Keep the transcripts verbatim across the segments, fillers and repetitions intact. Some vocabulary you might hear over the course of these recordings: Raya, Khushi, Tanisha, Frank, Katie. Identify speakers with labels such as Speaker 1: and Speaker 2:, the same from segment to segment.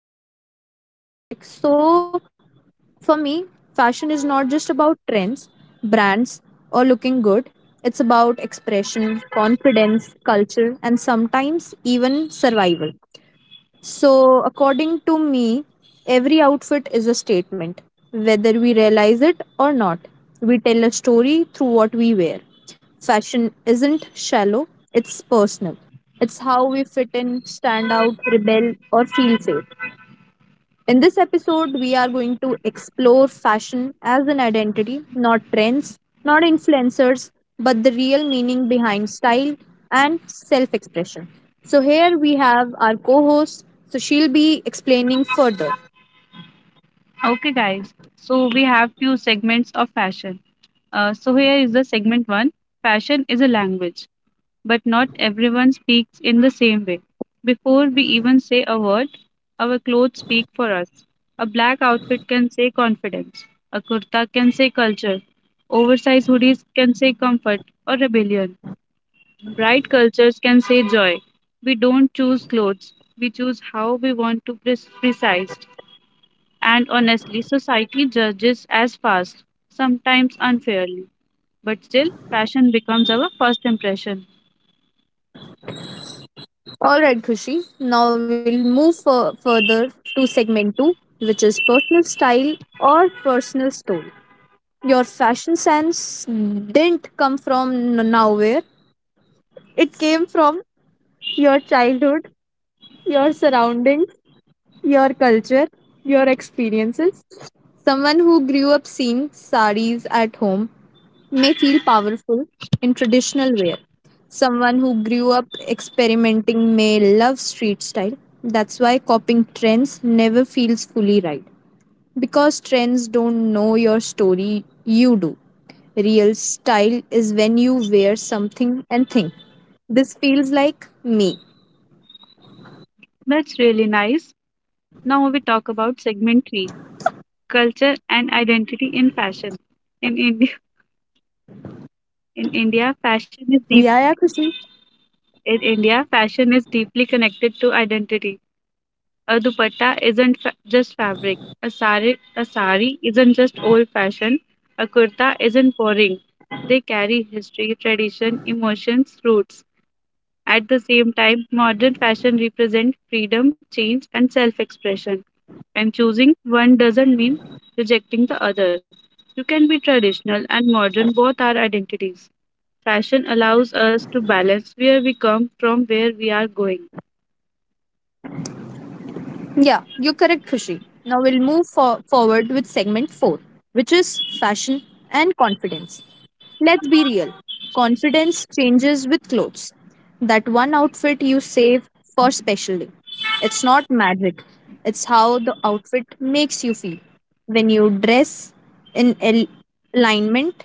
Speaker 1: some introduction about this topic. So for me, fashion is not just about trends, brands, or looking good. It's about expression, confidence, culture, and sometimes even survival. So, according to me, every outfit is a statement. Whether we realize it or not, we tell a story through what we wear. Fashion isn't shallow, it's personal. It's how we fit in, stand out, rebel, or feel safe. In this episode, we are going to explore fashion as an identity, not trends, not influencers, but the real meaning behind style and self expression. So, here we have our co host, so she'll be explaining further.
Speaker 2: Okay, guys. So we have few segments of fashion. Uh, so here is the segment one. Fashion is a language, but not everyone speaks in the same way. Before we even say a word, our clothes speak for us. A black outfit can say confidence. A kurta can say culture. Oversized hoodies can say comfort or rebellion. Bright cultures can say joy. We don't choose clothes. We choose how we want to be precise. And honestly, society judges as fast, sometimes unfairly. But still, fashion becomes our first impression.
Speaker 1: All right, Khushi, now we'll move fu- further to segment two, which is personal style or personal story. Your fashion sense didn't come from n- nowhere, it came from your childhood, your surroundings, your culture, your experiences. Someone who grew up seeing saris at home may feel powerful in traditional wear. Someone who grew up experimenting may love street style. That's why copying trends never feels fully right. Because trends don't know your story, you do. Real style is when you wear something and think. This feels like me.
Speaker 2: That's really nice. Now we talk about segment three culture and identity in fashion. In India, in India, fashion is deep.
Speaker 1: Yeah, yeah, Khushi.
Speaker 2: In India, fashion is deeply connected to identity. A dupatta isn't fa- just fabric. A sari, a sari isn't just old-fashioned. A kurta isn't boring. They carry history, tradition, emotions, roots. At the same time, modern fashion represents freedom, change, and self expression. And choosing one doesn't mean rejecting the other. You can be traditional and modern, both are identities. Fashion allows us to balance where we come from, where we are going.
Speaker 1: Yeah, you're correct, Khushi. Now we'll move for- forward with segment four, which is fashion and confidence. Let's be real. Confidence changes with clothes. That one outfit you save for special day. It's not magic. It's how the outfit makes you feel. When you dress in al- alignment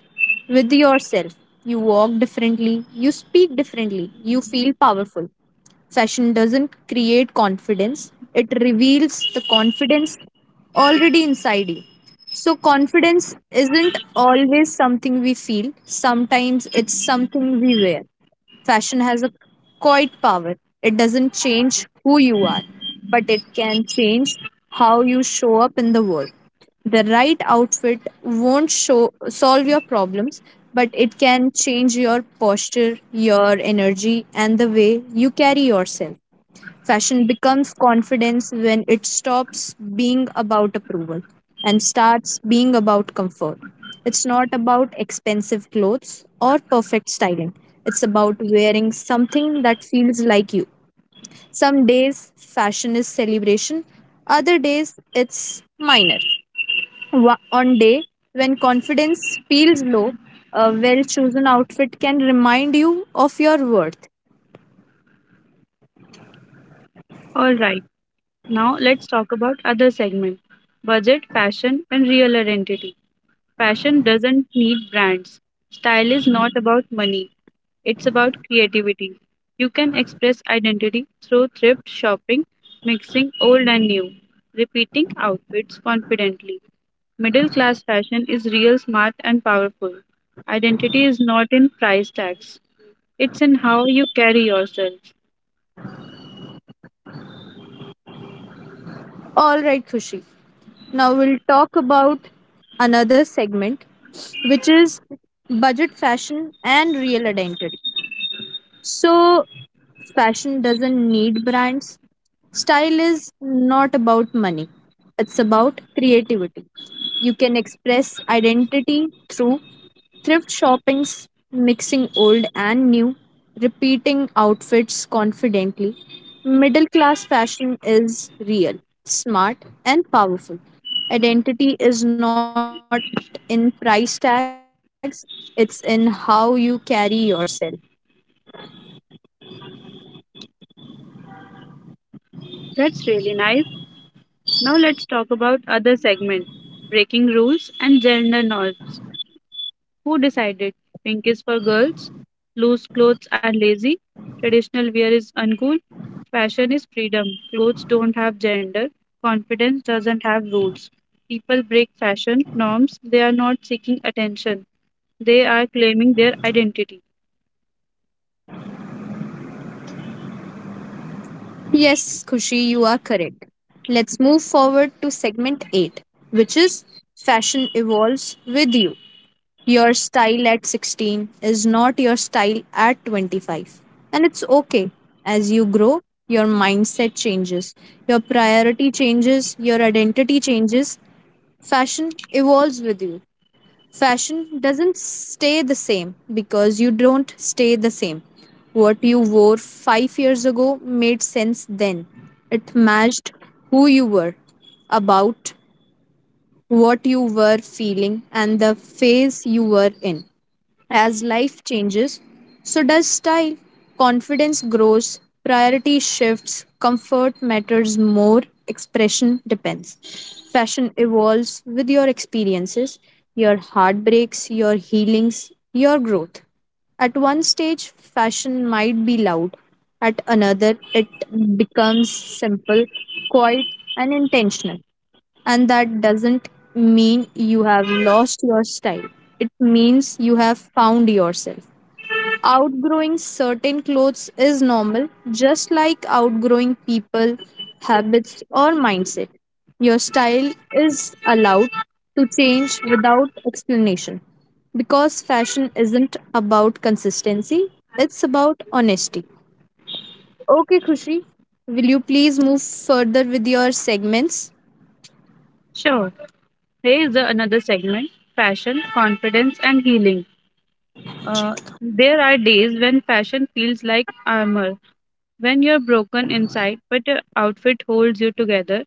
Speaker 1: with yourself, you walk differently, you speak differently, you feel powerful. Session doesn't create confidence, it reveals the confidence already inside you. So, confidence isn't always something we feel, sometimes it's something we wear. Fashion has a quiet power. It doesn't change who you are, but it can change how you show up in the world. The right outfit won't show solve your problems, but it can change your posture, your energy, and the way you carry yourself. Fashion becomes confidence when it stops being about approval and starts being about comfort. It's not about expensive clothes or perfect styling, it's about wearing something that feels like you. Some days, fashion is celebration, other days, it's minor. Wa- On day when confidence feels low, a well chosen outfit can remind you of your worth.
Speaker 2: All right, now let's talk about other segment budget, fashion, and real identity. Fashion doesn't need brands. Style is not about money, it's about creativity. You can express identity through thrift shopping, mixing old and new, repeating outfits confidently. Middle class fashion is real, smart, and powerful. Identity is not in price tags, it's in how you carry yourself.
Speaker 1: All right, Khushi. Now we'll talk about another segment, which is budget fashion and real identity. So, fashion doesn't need brands. Style is not about money, it's about creativity. You can express identity through thrift shoppings, mixing old and new, repeating outfits confidently. Middle class fashion is real, smart, and powerful. Identity is not in price tags, it's in how you carry yourself.
Speaker 2: That's really nice. Now let's talk about other segment, breaking rules and gender norms. Who decided pink is for girls, loose clothes are lazy, traditional wear is uncool, fashion is freedom, clothes don't have gender, confidence doesn't have rules. People break fashion norms, they are not seeking attention, they are claiming their identity.
Speaker 1: Yes, Kushi, you are correct. Let's move forward to segment eight, which is Fashion Evolves with You. Your style at sixteen is not your style at twenty-five. And it's okay. As you grow, your mindset changes, your priority changes, your identity changes. Fashion evolves with you. Fashion doesn't stay the same because you don't stay the same. What you wore five years ago made sense then. It matched who you were, about what you were feeling, and the phase you were in. As life changes, so does style. Confidence grows, priority shifts, comfort matters more, expression depends. Fashion evolves with your experiences, your heartbreaks, your healings, your growth. At one stage, fashion might be loud. At another, it becomes simple, quiet, and intentional. And that doesn't mean you have lost your style. It means you have found yourself. Outgrowing certain clothes is normal, just like outgrowing people, habits, or mindset. Your style is allowed to change without explanation because fashion isn't about consistency, it's about honesty. Okay, Khushi, will you please move further with your segments?
Speaker 2: Sure, here is the another segment fashion, confidence, and healing. Uh, there are days when fashion feels like armor, when you're broken inside, but your outfit holds you together.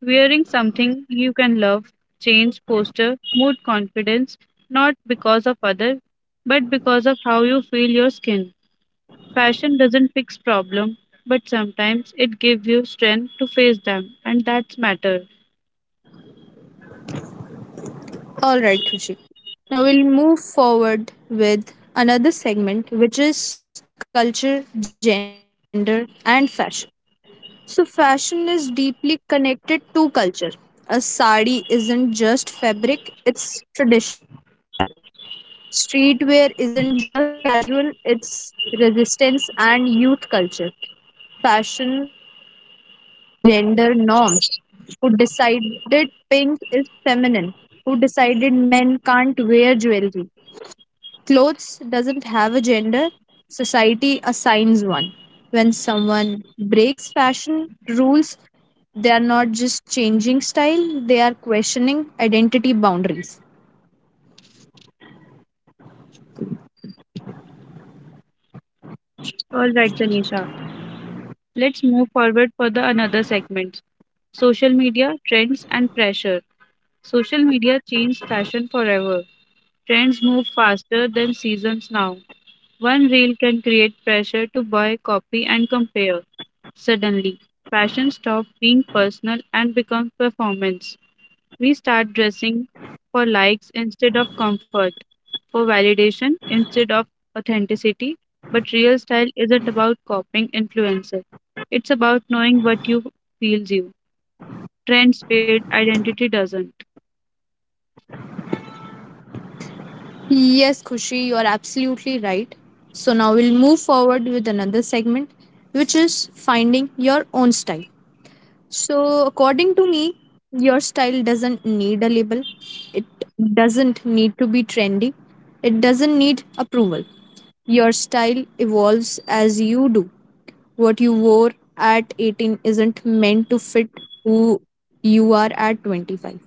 Speaker 2: Wearing something you can love change posture, mood, confidence, not because of other, but because of how you feel your skin. Fashion doesn't fix problem, but sometimes it gives you strength to face them, and that's matter.
Speaker 1: All right, Khushi. Now we'll move forward with another segment, which is culture, gender, and fashion. So, fashion is deeply connected to culture. A sari isn't just fabric, it's traditional. Streetwear isn't just casual, it's resistance and youth culture. Fashion also changes gender norms. Who decided pink is feminine? Who decided men can't wear jewelry? Clothes doesn't have a gender. Society assigns one. When someone breaks fashion rules, they are not just changing style, they are questioning identity boundaries.
Speaker 2: All right, Tanisha. Let's move forward for the another segment. Social media, trends and pressure. Social media changed fashion forever. Trends move faster than seasons now. One reel can create pressure to buy, copy, and compare. Suddenly, fashion stops being personal and becomes performance. We start dressing for likes instead of comfort, for validation instead of authenticity. But real style isn't about copying influencers, it's about knowing what you feels you. Trends fade, identity doesn't.
Speaker 1: Yes, Khushi, you are absolutely right. So now we'll move forward with another segment, which is finding your own style. So, according to me, your style doesn't need a label. It doesn't need to be trendy. It doesn't need approval. Your style evolves as you do. What you wore at eighteen isn't meant to fit who you are at twenty-five.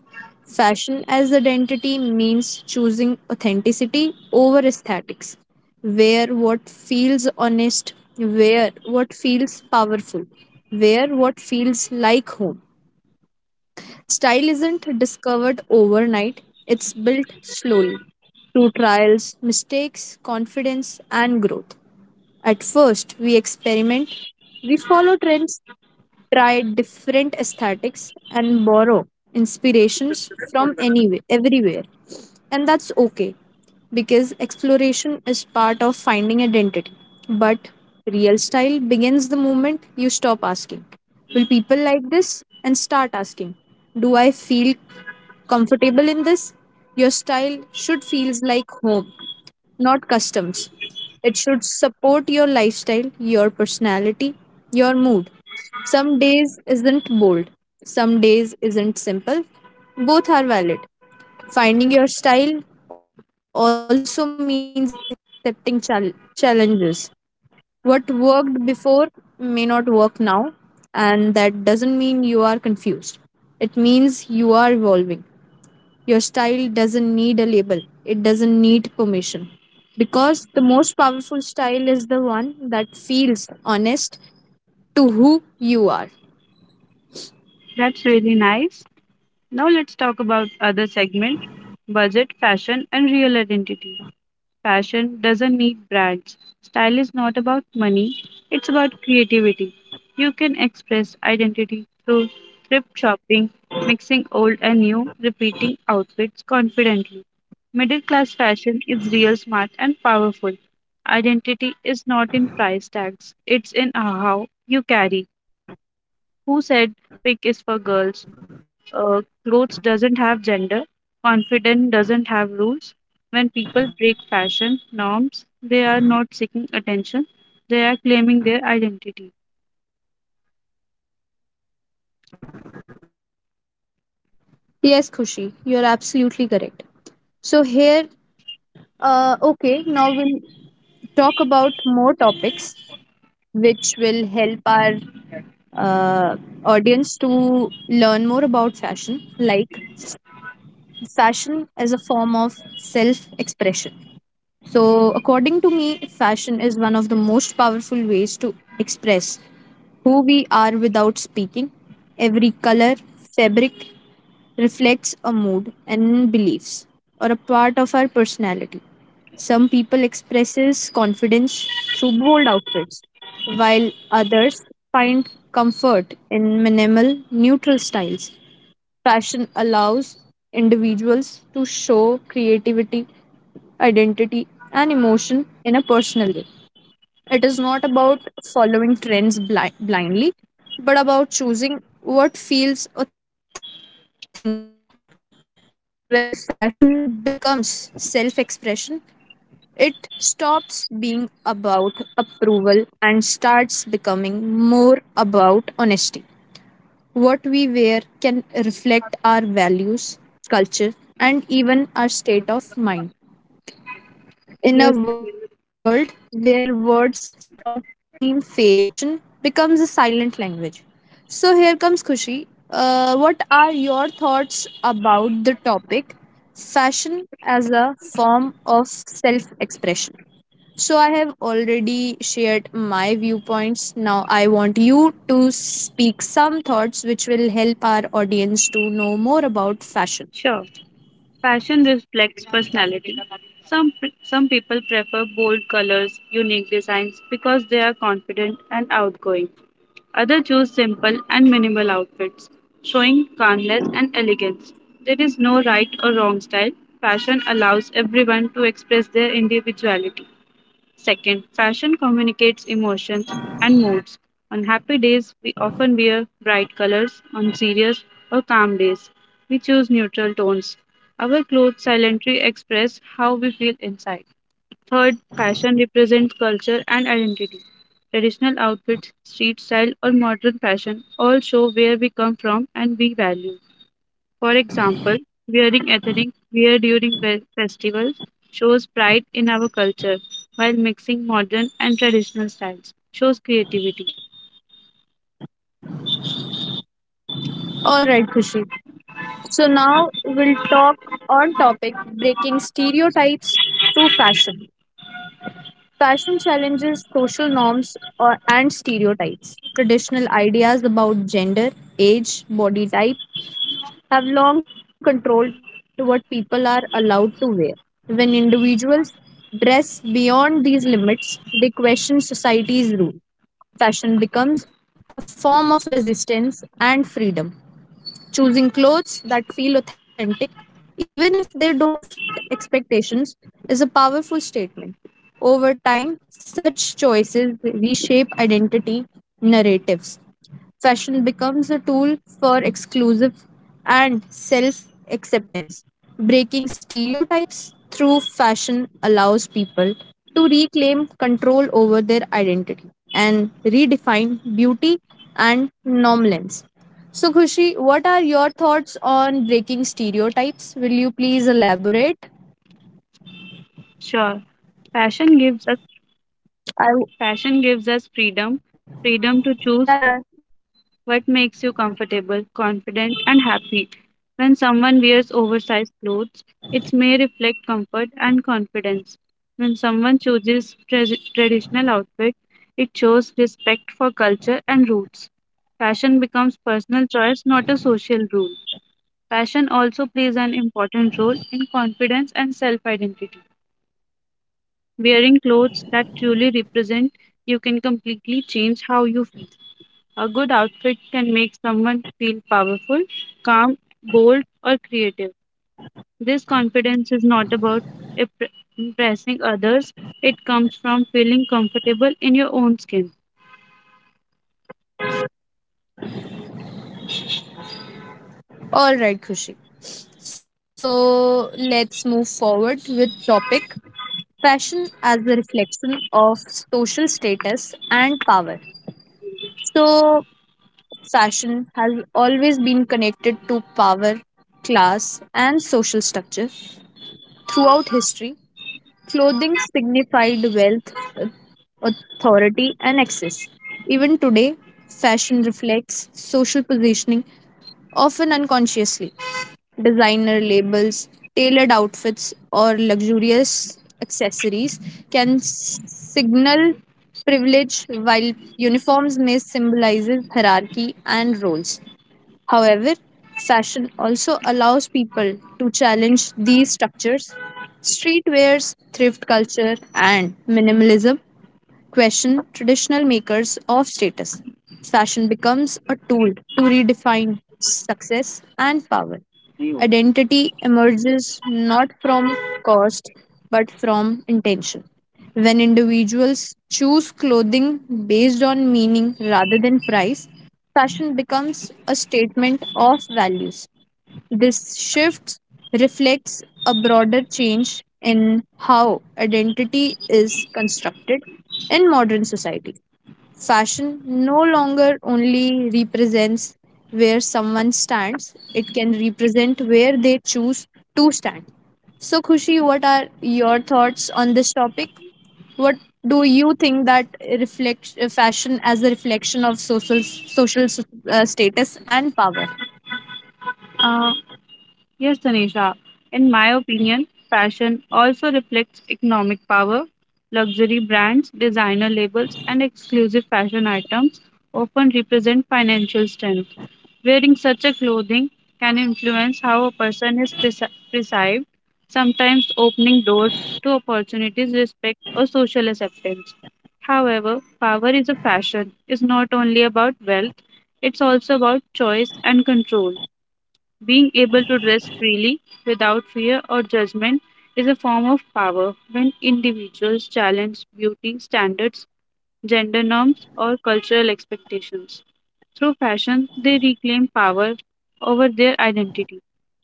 Speaker 1: Fashion as identity means choosing authenticity over aesthetics. Wear what feels honest, wear what feels powerful, wear what feels like home. Style isn't discovered overnight, it's built slowly through trials, mistakes, confidence, and growth. At first, we experiment, we follow trends, try different aesthetics, and borrow inspirations from anywhere, everywhere. And that's okay because exploration is part of finding identity. But real style begins the moment you stop asking, "Will people like this?" and start asking, "Do I feel comfortable in this?" Your style should feels like home, not customs. It should support your lifestyle, your personality, your mood. Some days isn't bold, some days isn't simple. Both are valid. Finding your style also means accepting chal- challenges. What worked before may not work now, and that doesn't mean you are confused. It means you are evolving. Your style doesn't need a label, it doesn't need permission. Because the most powerful style is the one that feels honest to who you are.
Speaker 2: That's really nice. Now let's talk about other segment, budget, fashion, and real identity. Fashion doesn't need brands. Style is not about money, it's about creativity. You can express identity through thrift shopping, mixing old and new, repeating outfits confidently. Middle class fashion is real, smart, and powerful. Identity is not in price tags, it's in how you carry. Who said pink is for girls? Uh, clothes doesn't have gender, confidence doesn't have rules. When people break fashion norms, they are not seeking attention, they are claiming their identity.
Speaker 1: Yes, Khushi, you're absolutely correct. So, here, uh, okay, now we'll talk about more topics which will help our uh, audience to learn more about fashion, like fashion as a form of self expression. So, according to me, fashion is one of the most powerful ways to express who we are without speaking. Every color, fabric reflects a mood and beliefs or a part of our personality. Some people expresses confidence through bold outfits, while others find comfort in minimal neutral styles. Fashion allows individuals to show creativity, identity, and emotion in a personal way. It is not about following trends bli- blindly, but about choosing what feels authentic. When fashion becomes self expression, it stops being about approval and starts becoming more about honesty. What we wear can reflect our values, culture, and even our state of mind.
Speaker 2: Yes,
Speaker 1: In a
Speaker 2: definitely.
Speaker 1: world where words sometimes fails, fashion becomes a silent language. So here comes Kushi. Uh, what are your thoughts about the topic fashion as a form of self expression? So I have already shared my viewpoints. Now I want you to speak some thoughts which will help our audience to know more about fashion.
Speaker 2: Sure, fashion reflects personality. Some pe- some people prefer bold colors, unique designs because they are confident and outgoing. Others choose simple and minimal outfits, showing calmness and elegance. There is no right or wrong style. Fashion allows everyone to express their individuality. Second, fashion communicates emotions and moods. On happy days, we often wear bright colors. On serious or calm days, we choose neutral tones. Our clothes silently express how we feel inside. Third, fashion represents culture and identity. Traditional outfits, street style, or modern fashion all show where we come from and we value. For example, wearing ethnic wear during fe- festivals shows pride in our culture, while mixing modern and traditional styles shows creativity.
Speaker 1: All right, Khushi. So now we'll talk on topic breaking stereotypes to fashion. Fashion challenges social norms or, and stereotypes. Traditional ideas about gender, age, body type have long controlled what people are allowed to wear. When individuals dress beyond these limits, they question society's rule. Fashion becomes a form of resistance and freedom. Choosing clothes that feel authentic, even if they don't fit expectations, is a powerful statement. Over time, such choices reshape identity narratives. Fashion becomes a tool for exclusive and self acceptance. Breaking stereotypes through fashion allows people to reclaim control over their identity and redefine beauty and norm lens. So, Khushi, what are your thoughts on breaking stereotypes? Will you please elaborate?
Speaker 2: Sure, fashion gives us
Speaker 1: I w-
Speaker 2: fashion gives us freedom, freedom to
Speaker 1: yeah, yeah.
Speaker 2: choose. What makes you comfortable, confident, and happy? When someone wears oversized clothes, it may reflect comfort and confidence. When someone chooses tra- traditional outfit, it shows respect for culture and roots. Fashion becomes personal choice, not a social rule. Fashion also plays an important role in confidence and self-identity. Wearing clothes that truly represent you can completely change how you feel. A good outfit can make someone feel powerful, calm, bold, or creative. This confidence is not about impre- impressing others, it comes from feeling comfortable in your own skin.
Speaker 1: All right, Khushi. So, let's move forward with topic fashion as a reflection of social status and power. So, fashion has always been connected to power, class, and social structure throughout history. Clothing signified wealth, authority, and access. Even today, fashion reflects social positioning, often unconsciously. Designer labels, tailored outfits, or luxurious accessories can s- signal privilege, while uniforms may symbolize hierarchy and roles. However, fashion also allows people to challenge these structures. Streetwears, thrift culture, and minimalism question traditional makers of status. Fashion becomes a tool to redefine success and power. Identity emerges not from cost but from intention. When individuals choose clothing based on meaning rather than price, fashion becomes a statement of values. This shift reflects a broader change in how identity is constructed in modern society. Fashion no longer only represents where someone stands, it can represent where they choose to stand. So, Khushi, what are your thoughts on this topic? What do you think that reflect uh, fashion as a reflection of social social s- uh, status and power?
Speaker 2: Uh, Yes, Tanisha. In my opinion, fashion also reflects economic power. Luxury brands, designer labels, and exclusive fashion items often represent financial strength. Wearing such a clothing can influence how a person is perce- perceived, sometimes opening doors to opportunities, respect, or social acceptance. However, power is a passion is not only about wealth, it's also about choice and control. Being able to dress freely without fear or judgment is a form of power when individuals challenge beauty standards, gender norms, or cultural expectations. Through fashion, they reclaim power over their identity.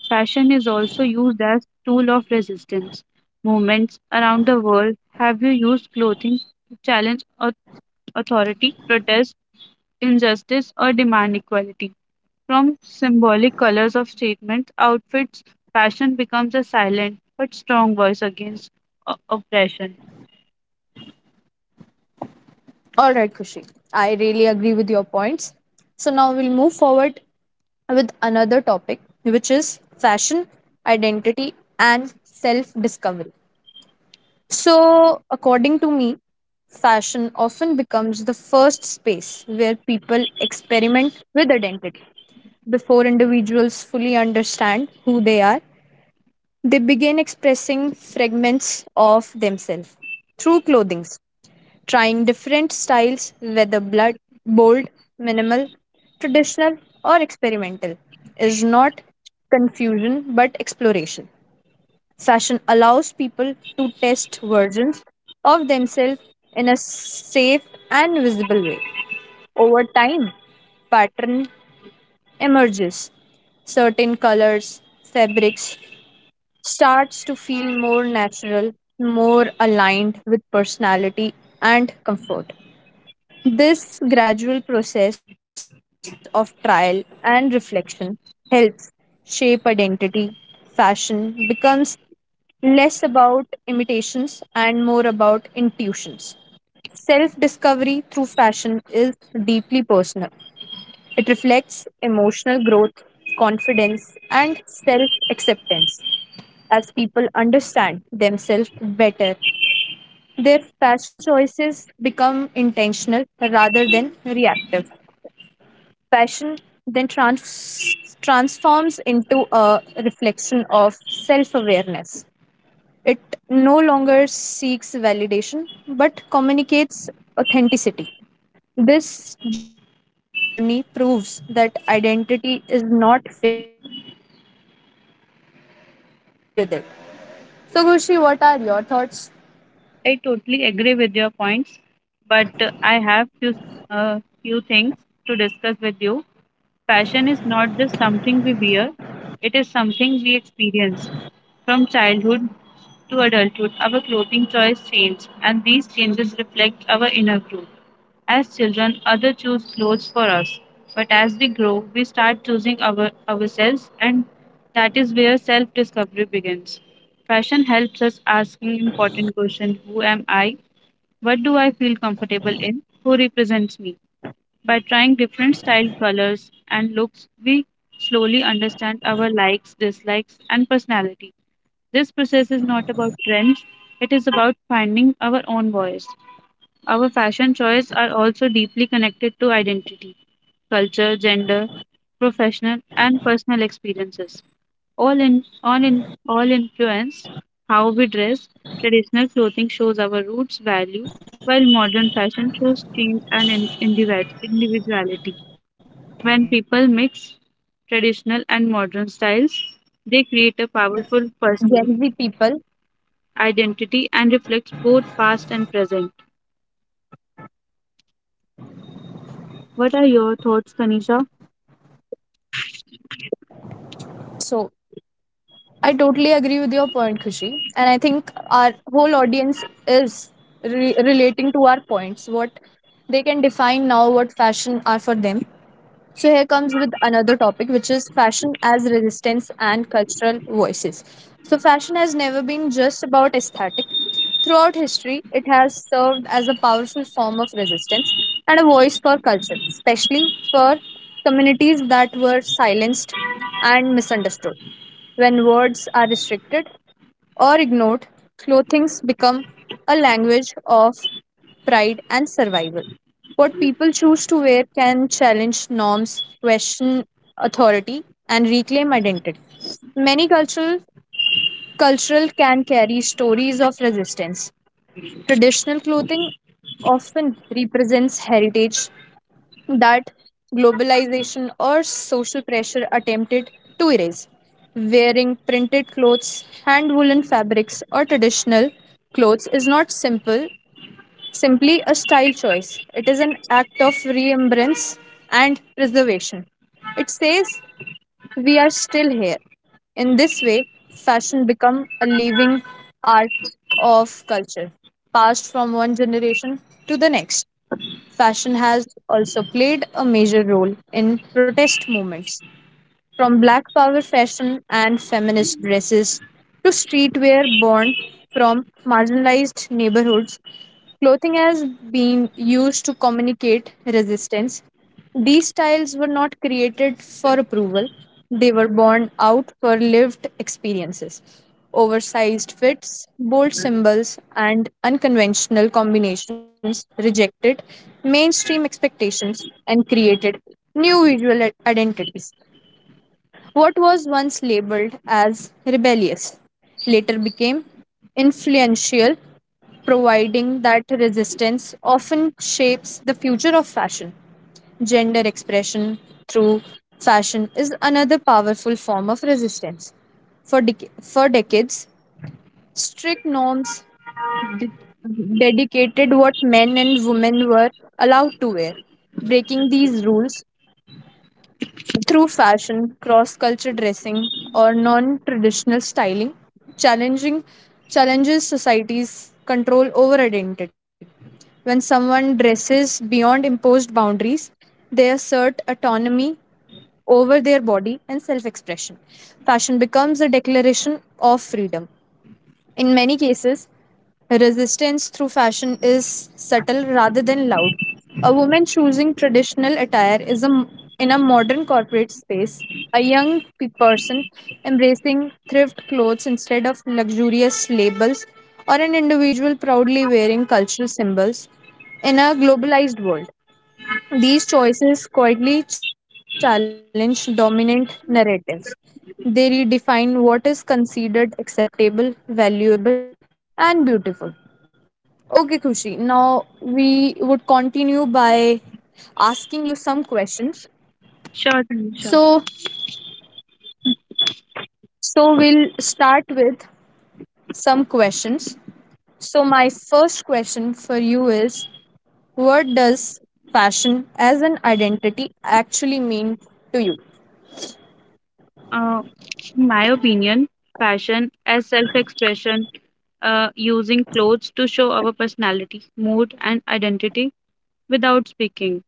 Speaker 2: Fashion is also used as tool of resistance. Movements around the world have used clothing to challenge au- authority, protest injustice, or demand equality. From symbolic colors of statements, outfits, fashion becomes a silent but strong voice against o- oppression.
Speaker 1: All right, Kushi. I really agree with your points. So now we'll move forward with another topic, which is fashion, identity, and self discovery. So, according to me, fashion often becomes the first space where people experiment with identity. Before individuals fully understand who they are, they begin expressing fragments of themselves through clothing trying different styles, whether blood, bold, minimal, traditional, or experimental, is not confusion but exploration. Fashion allows people to test versions of themselves in a safe and visible way. Over time, pattern emerges. Certain colors, fabrics starts to feel more natural, more aligned with personality and comfort. This gradual process of trial and reflection helps shape identity. Fashion becomes less about imitations and more about intuitions. Self discovery through fashion is deeply personal. It reflects emotional growth, confidence, and self acceptance. As people understand themselves better, their fashion choices become intentional rather than reactive. Passion then trans- transforms into a reflection of self awareness. It no longer seeks validation but communicates authenticity. This journey proves that identity is not fixed, it evolves and fashion evolves with it. So, Kushi, what are your thoughts?
Speaker 2: I totally agree with your points, but uh, I have few uh, few things to discuss with you. Fashion is not just something we wear; it is something we experience. From childhood to adulthood, our clothing choice change, and these changes reflect our inner growth. As children, others choose clothes for us, but as we grow, we start choosing our, ourselves, and that is where self discovery begins. Fashion helps us asking important questions. Who am I? What do I feel comfortable in? Who represents me? By trying different style, colors, and looks, we slowly understand our likes, dislikes, and personality. This process is not about trends, it is about finding our own voice. Our fashion choices are also deeply connected to identity, culture, gender, professional and personal experiences. All in all in all influence how we dress. Traditional clothing shows our roots value, while modern fashion shows change and in, individu- individuality. When people mix
Speaker 1: All right, Kushi.
Speaker 2: traditional and
Speaker 1: So, I
Speaker 2: modern
Speaker 1: think
Speaker 2: styles,
Speaker 1: every
Speaker 2: they create a
Speaker 1: audience are
Speaker 2: powerful personal
Speaker 1: Gen Z people.
Speaker 2: identity and reflects both past and present. What are your thoughts, Tanisha?
Speaker 1: So, I totally agree with your point, Khushi. And I think our whole audience is re- relating to our points, what they can define now, what fashion are for them. So, here comes with another topic, which is fashion as resistance and cultural voices. So, fashion has never been just about aesthetic. Throughout history, it has served as a powerful form of resistance and a voice for culture, especially for communities that were silenced and misunderstood. When words are restricted or ignored, clothings become a language of pride and survival. What people choose to wear can challenge norms, question authority, and reclaim identity. Many cultural cultural can carry stories of resistance. Traditional clothing often represents heritage, that globalization or social pressure attempted to erase. Wearing printed clothes, hand woolen fabrics, or traditional clothes is not simple, simply a style choice. It is an act of remembrance and preservation. It says we are still here. In this way, fashion become a living art of culture, passed from one generation to the next. Fashion has also played a major role in protest movements from black power fashion and feminist dresses to streetwear born from marginalized neighborhoods, clothing has been used to communicate resistance. These styles were not created for approval, they were born out for lived experiences. Oversized fits, bold symbols, and unconventional combinations rejected mainstream expectations and created new visual identities. What was once labeled as rebellious later became influential, providing that resistance often shapes the future of fashion. Gender expression through fashion is another powerful form of resistance. For, dec- for decades, strict norms de- dedicated what men and women were allowed to wear. Breaking these rules through fashion, cross culture dressing, or non traditional styling, challenging challenges society's control over identity. When someone dresses beyond imposed boundaries, they assert autonomy over their body and self expression. Fashion becomes a declaration of freedom. In many cases, resistance through fashion is subtle rather than loud. A woman choosing traditional attire is a, in a modern corporate space. A young pe- person embracing thrift clothes instead of luxurious labels, or an individual proudly wearing cultural symbols in a globalized world. These choices quietly challenge dominant narratives. They redefine what is considered acceptable, valuable, and beautiful. Okay, Kushi. Now we would continue by asking you some questions. So,
Speaker 2: Sure, Tanisha.
Speaker 1: so we'll start with some questions. So my first question for you is, what does fashion as an identity actually mean to you?
Speaker 2: Uh, in my opinion, fashion as self-expression, uh, using clothes to show our personality, mood, and identity without speaking.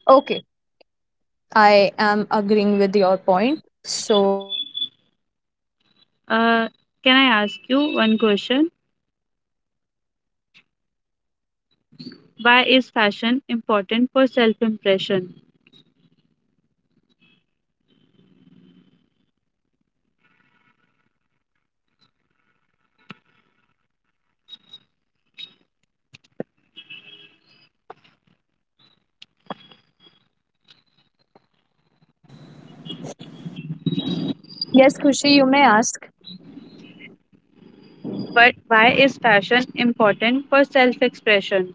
Speaker 1: Okay, I am agreeing with your point. So let's continue.
Speaker 2: Uh,
Speaker 1: And now
Speaker 2: can
Speaker 1: I
Speaker 2: I
Speaker 1: have
Speaker 2: ask you one
Speaker 1: another.
Speaker 2: question?
Speaker 1: Yeah, sure.
Speaker 2: Why is fashion important for self-impression?
Speaker 1: Yes, Kushi, you ca- you may ask. Yes, Kushi. Yes, Kushi, you may ask.
Speaker 2: Why, why is fashion important for self-expression?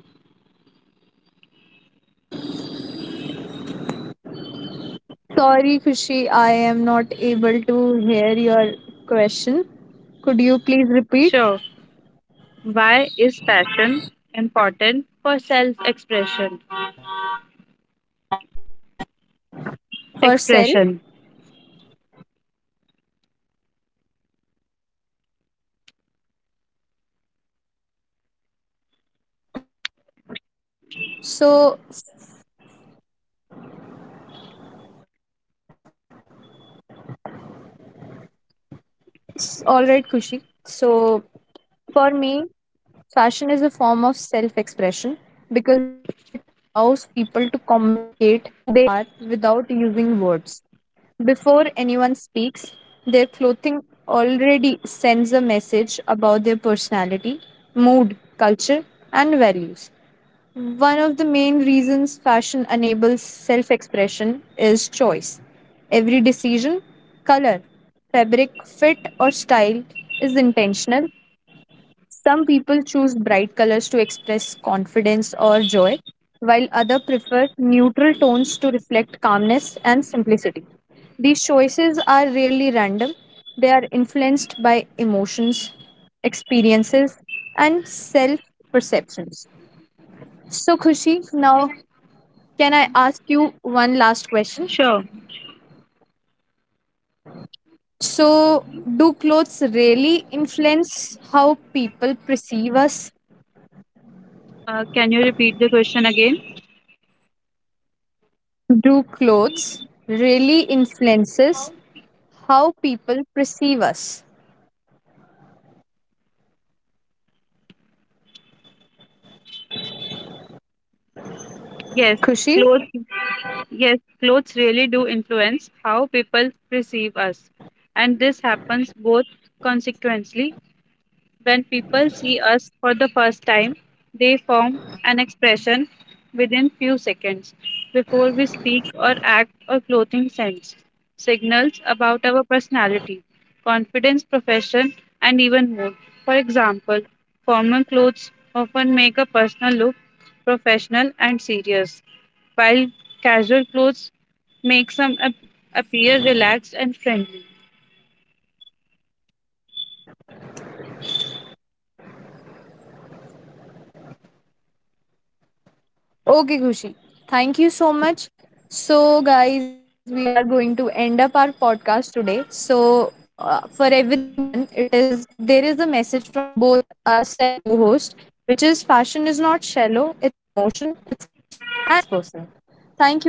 Speaker 1: Sorry, Kushi, I am not able to hear your question. Could you please
Speaker 2: Sure.
Speaker 1: repeat?
Speaker 2: Why is fashion important for self-expression?
Speaker 1: For self,
Speaker 2: Expression.
Speaker 1: for self expression. All right, Kushi. So, S- All right, Kushi. So, for me, fashion is a form of self expression because it allows people to communicate who they are without using words. Before anyone speaks, their clothing already sends a message about their personality, mood, culture, and values. One of the main reasons fashion enables self expression is choice. Every decision, color, fabric, fit, or style is intentional. Some people choose bright colors to express confidence or joy, while others prefer neutral tones to reflect calmness and simplicity. These choices are rarely random, they are influenced by emotions, experiences, and self perceptions. So, Khushi, now can I ask you one last question?
Speaker 2: Sure.
Speaker 1: So, do clothes really influence how people perceive us?
Speaker 2: Uh, can you repeat the question again?
Speaker 1: Do clothes really influences how people perceive us?
Speaker 2: Yes, clothes,
Speaker 1: Khushi?
Speaker 2: yes, clothes really do influence how people perceive us. And this happens both consequently when people see us for the first time, they form an expression within few seconds before we speak or act or clothing sense. Signals about our personality, confidence, profession, and even mood. For example, formal clothes often make a person look professional and serious, while casual clothes make some ap- appear relaxed and friendly.
Speaker 1: Okay, Kushi. Thank you so much. So, guys, we are going to end up our podcast today. So, uh, for everyone, it is there is a message from both us and co-host, which is fashion is not shallow. It's emotion, it's culture, and it's personal. Thank you, everyone.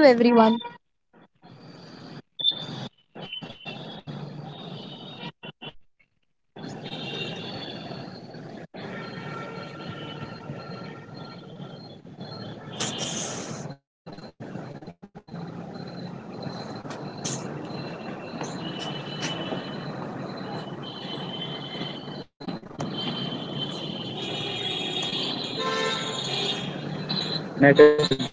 Speaker 1: नेट अज्ञात तुम्हारा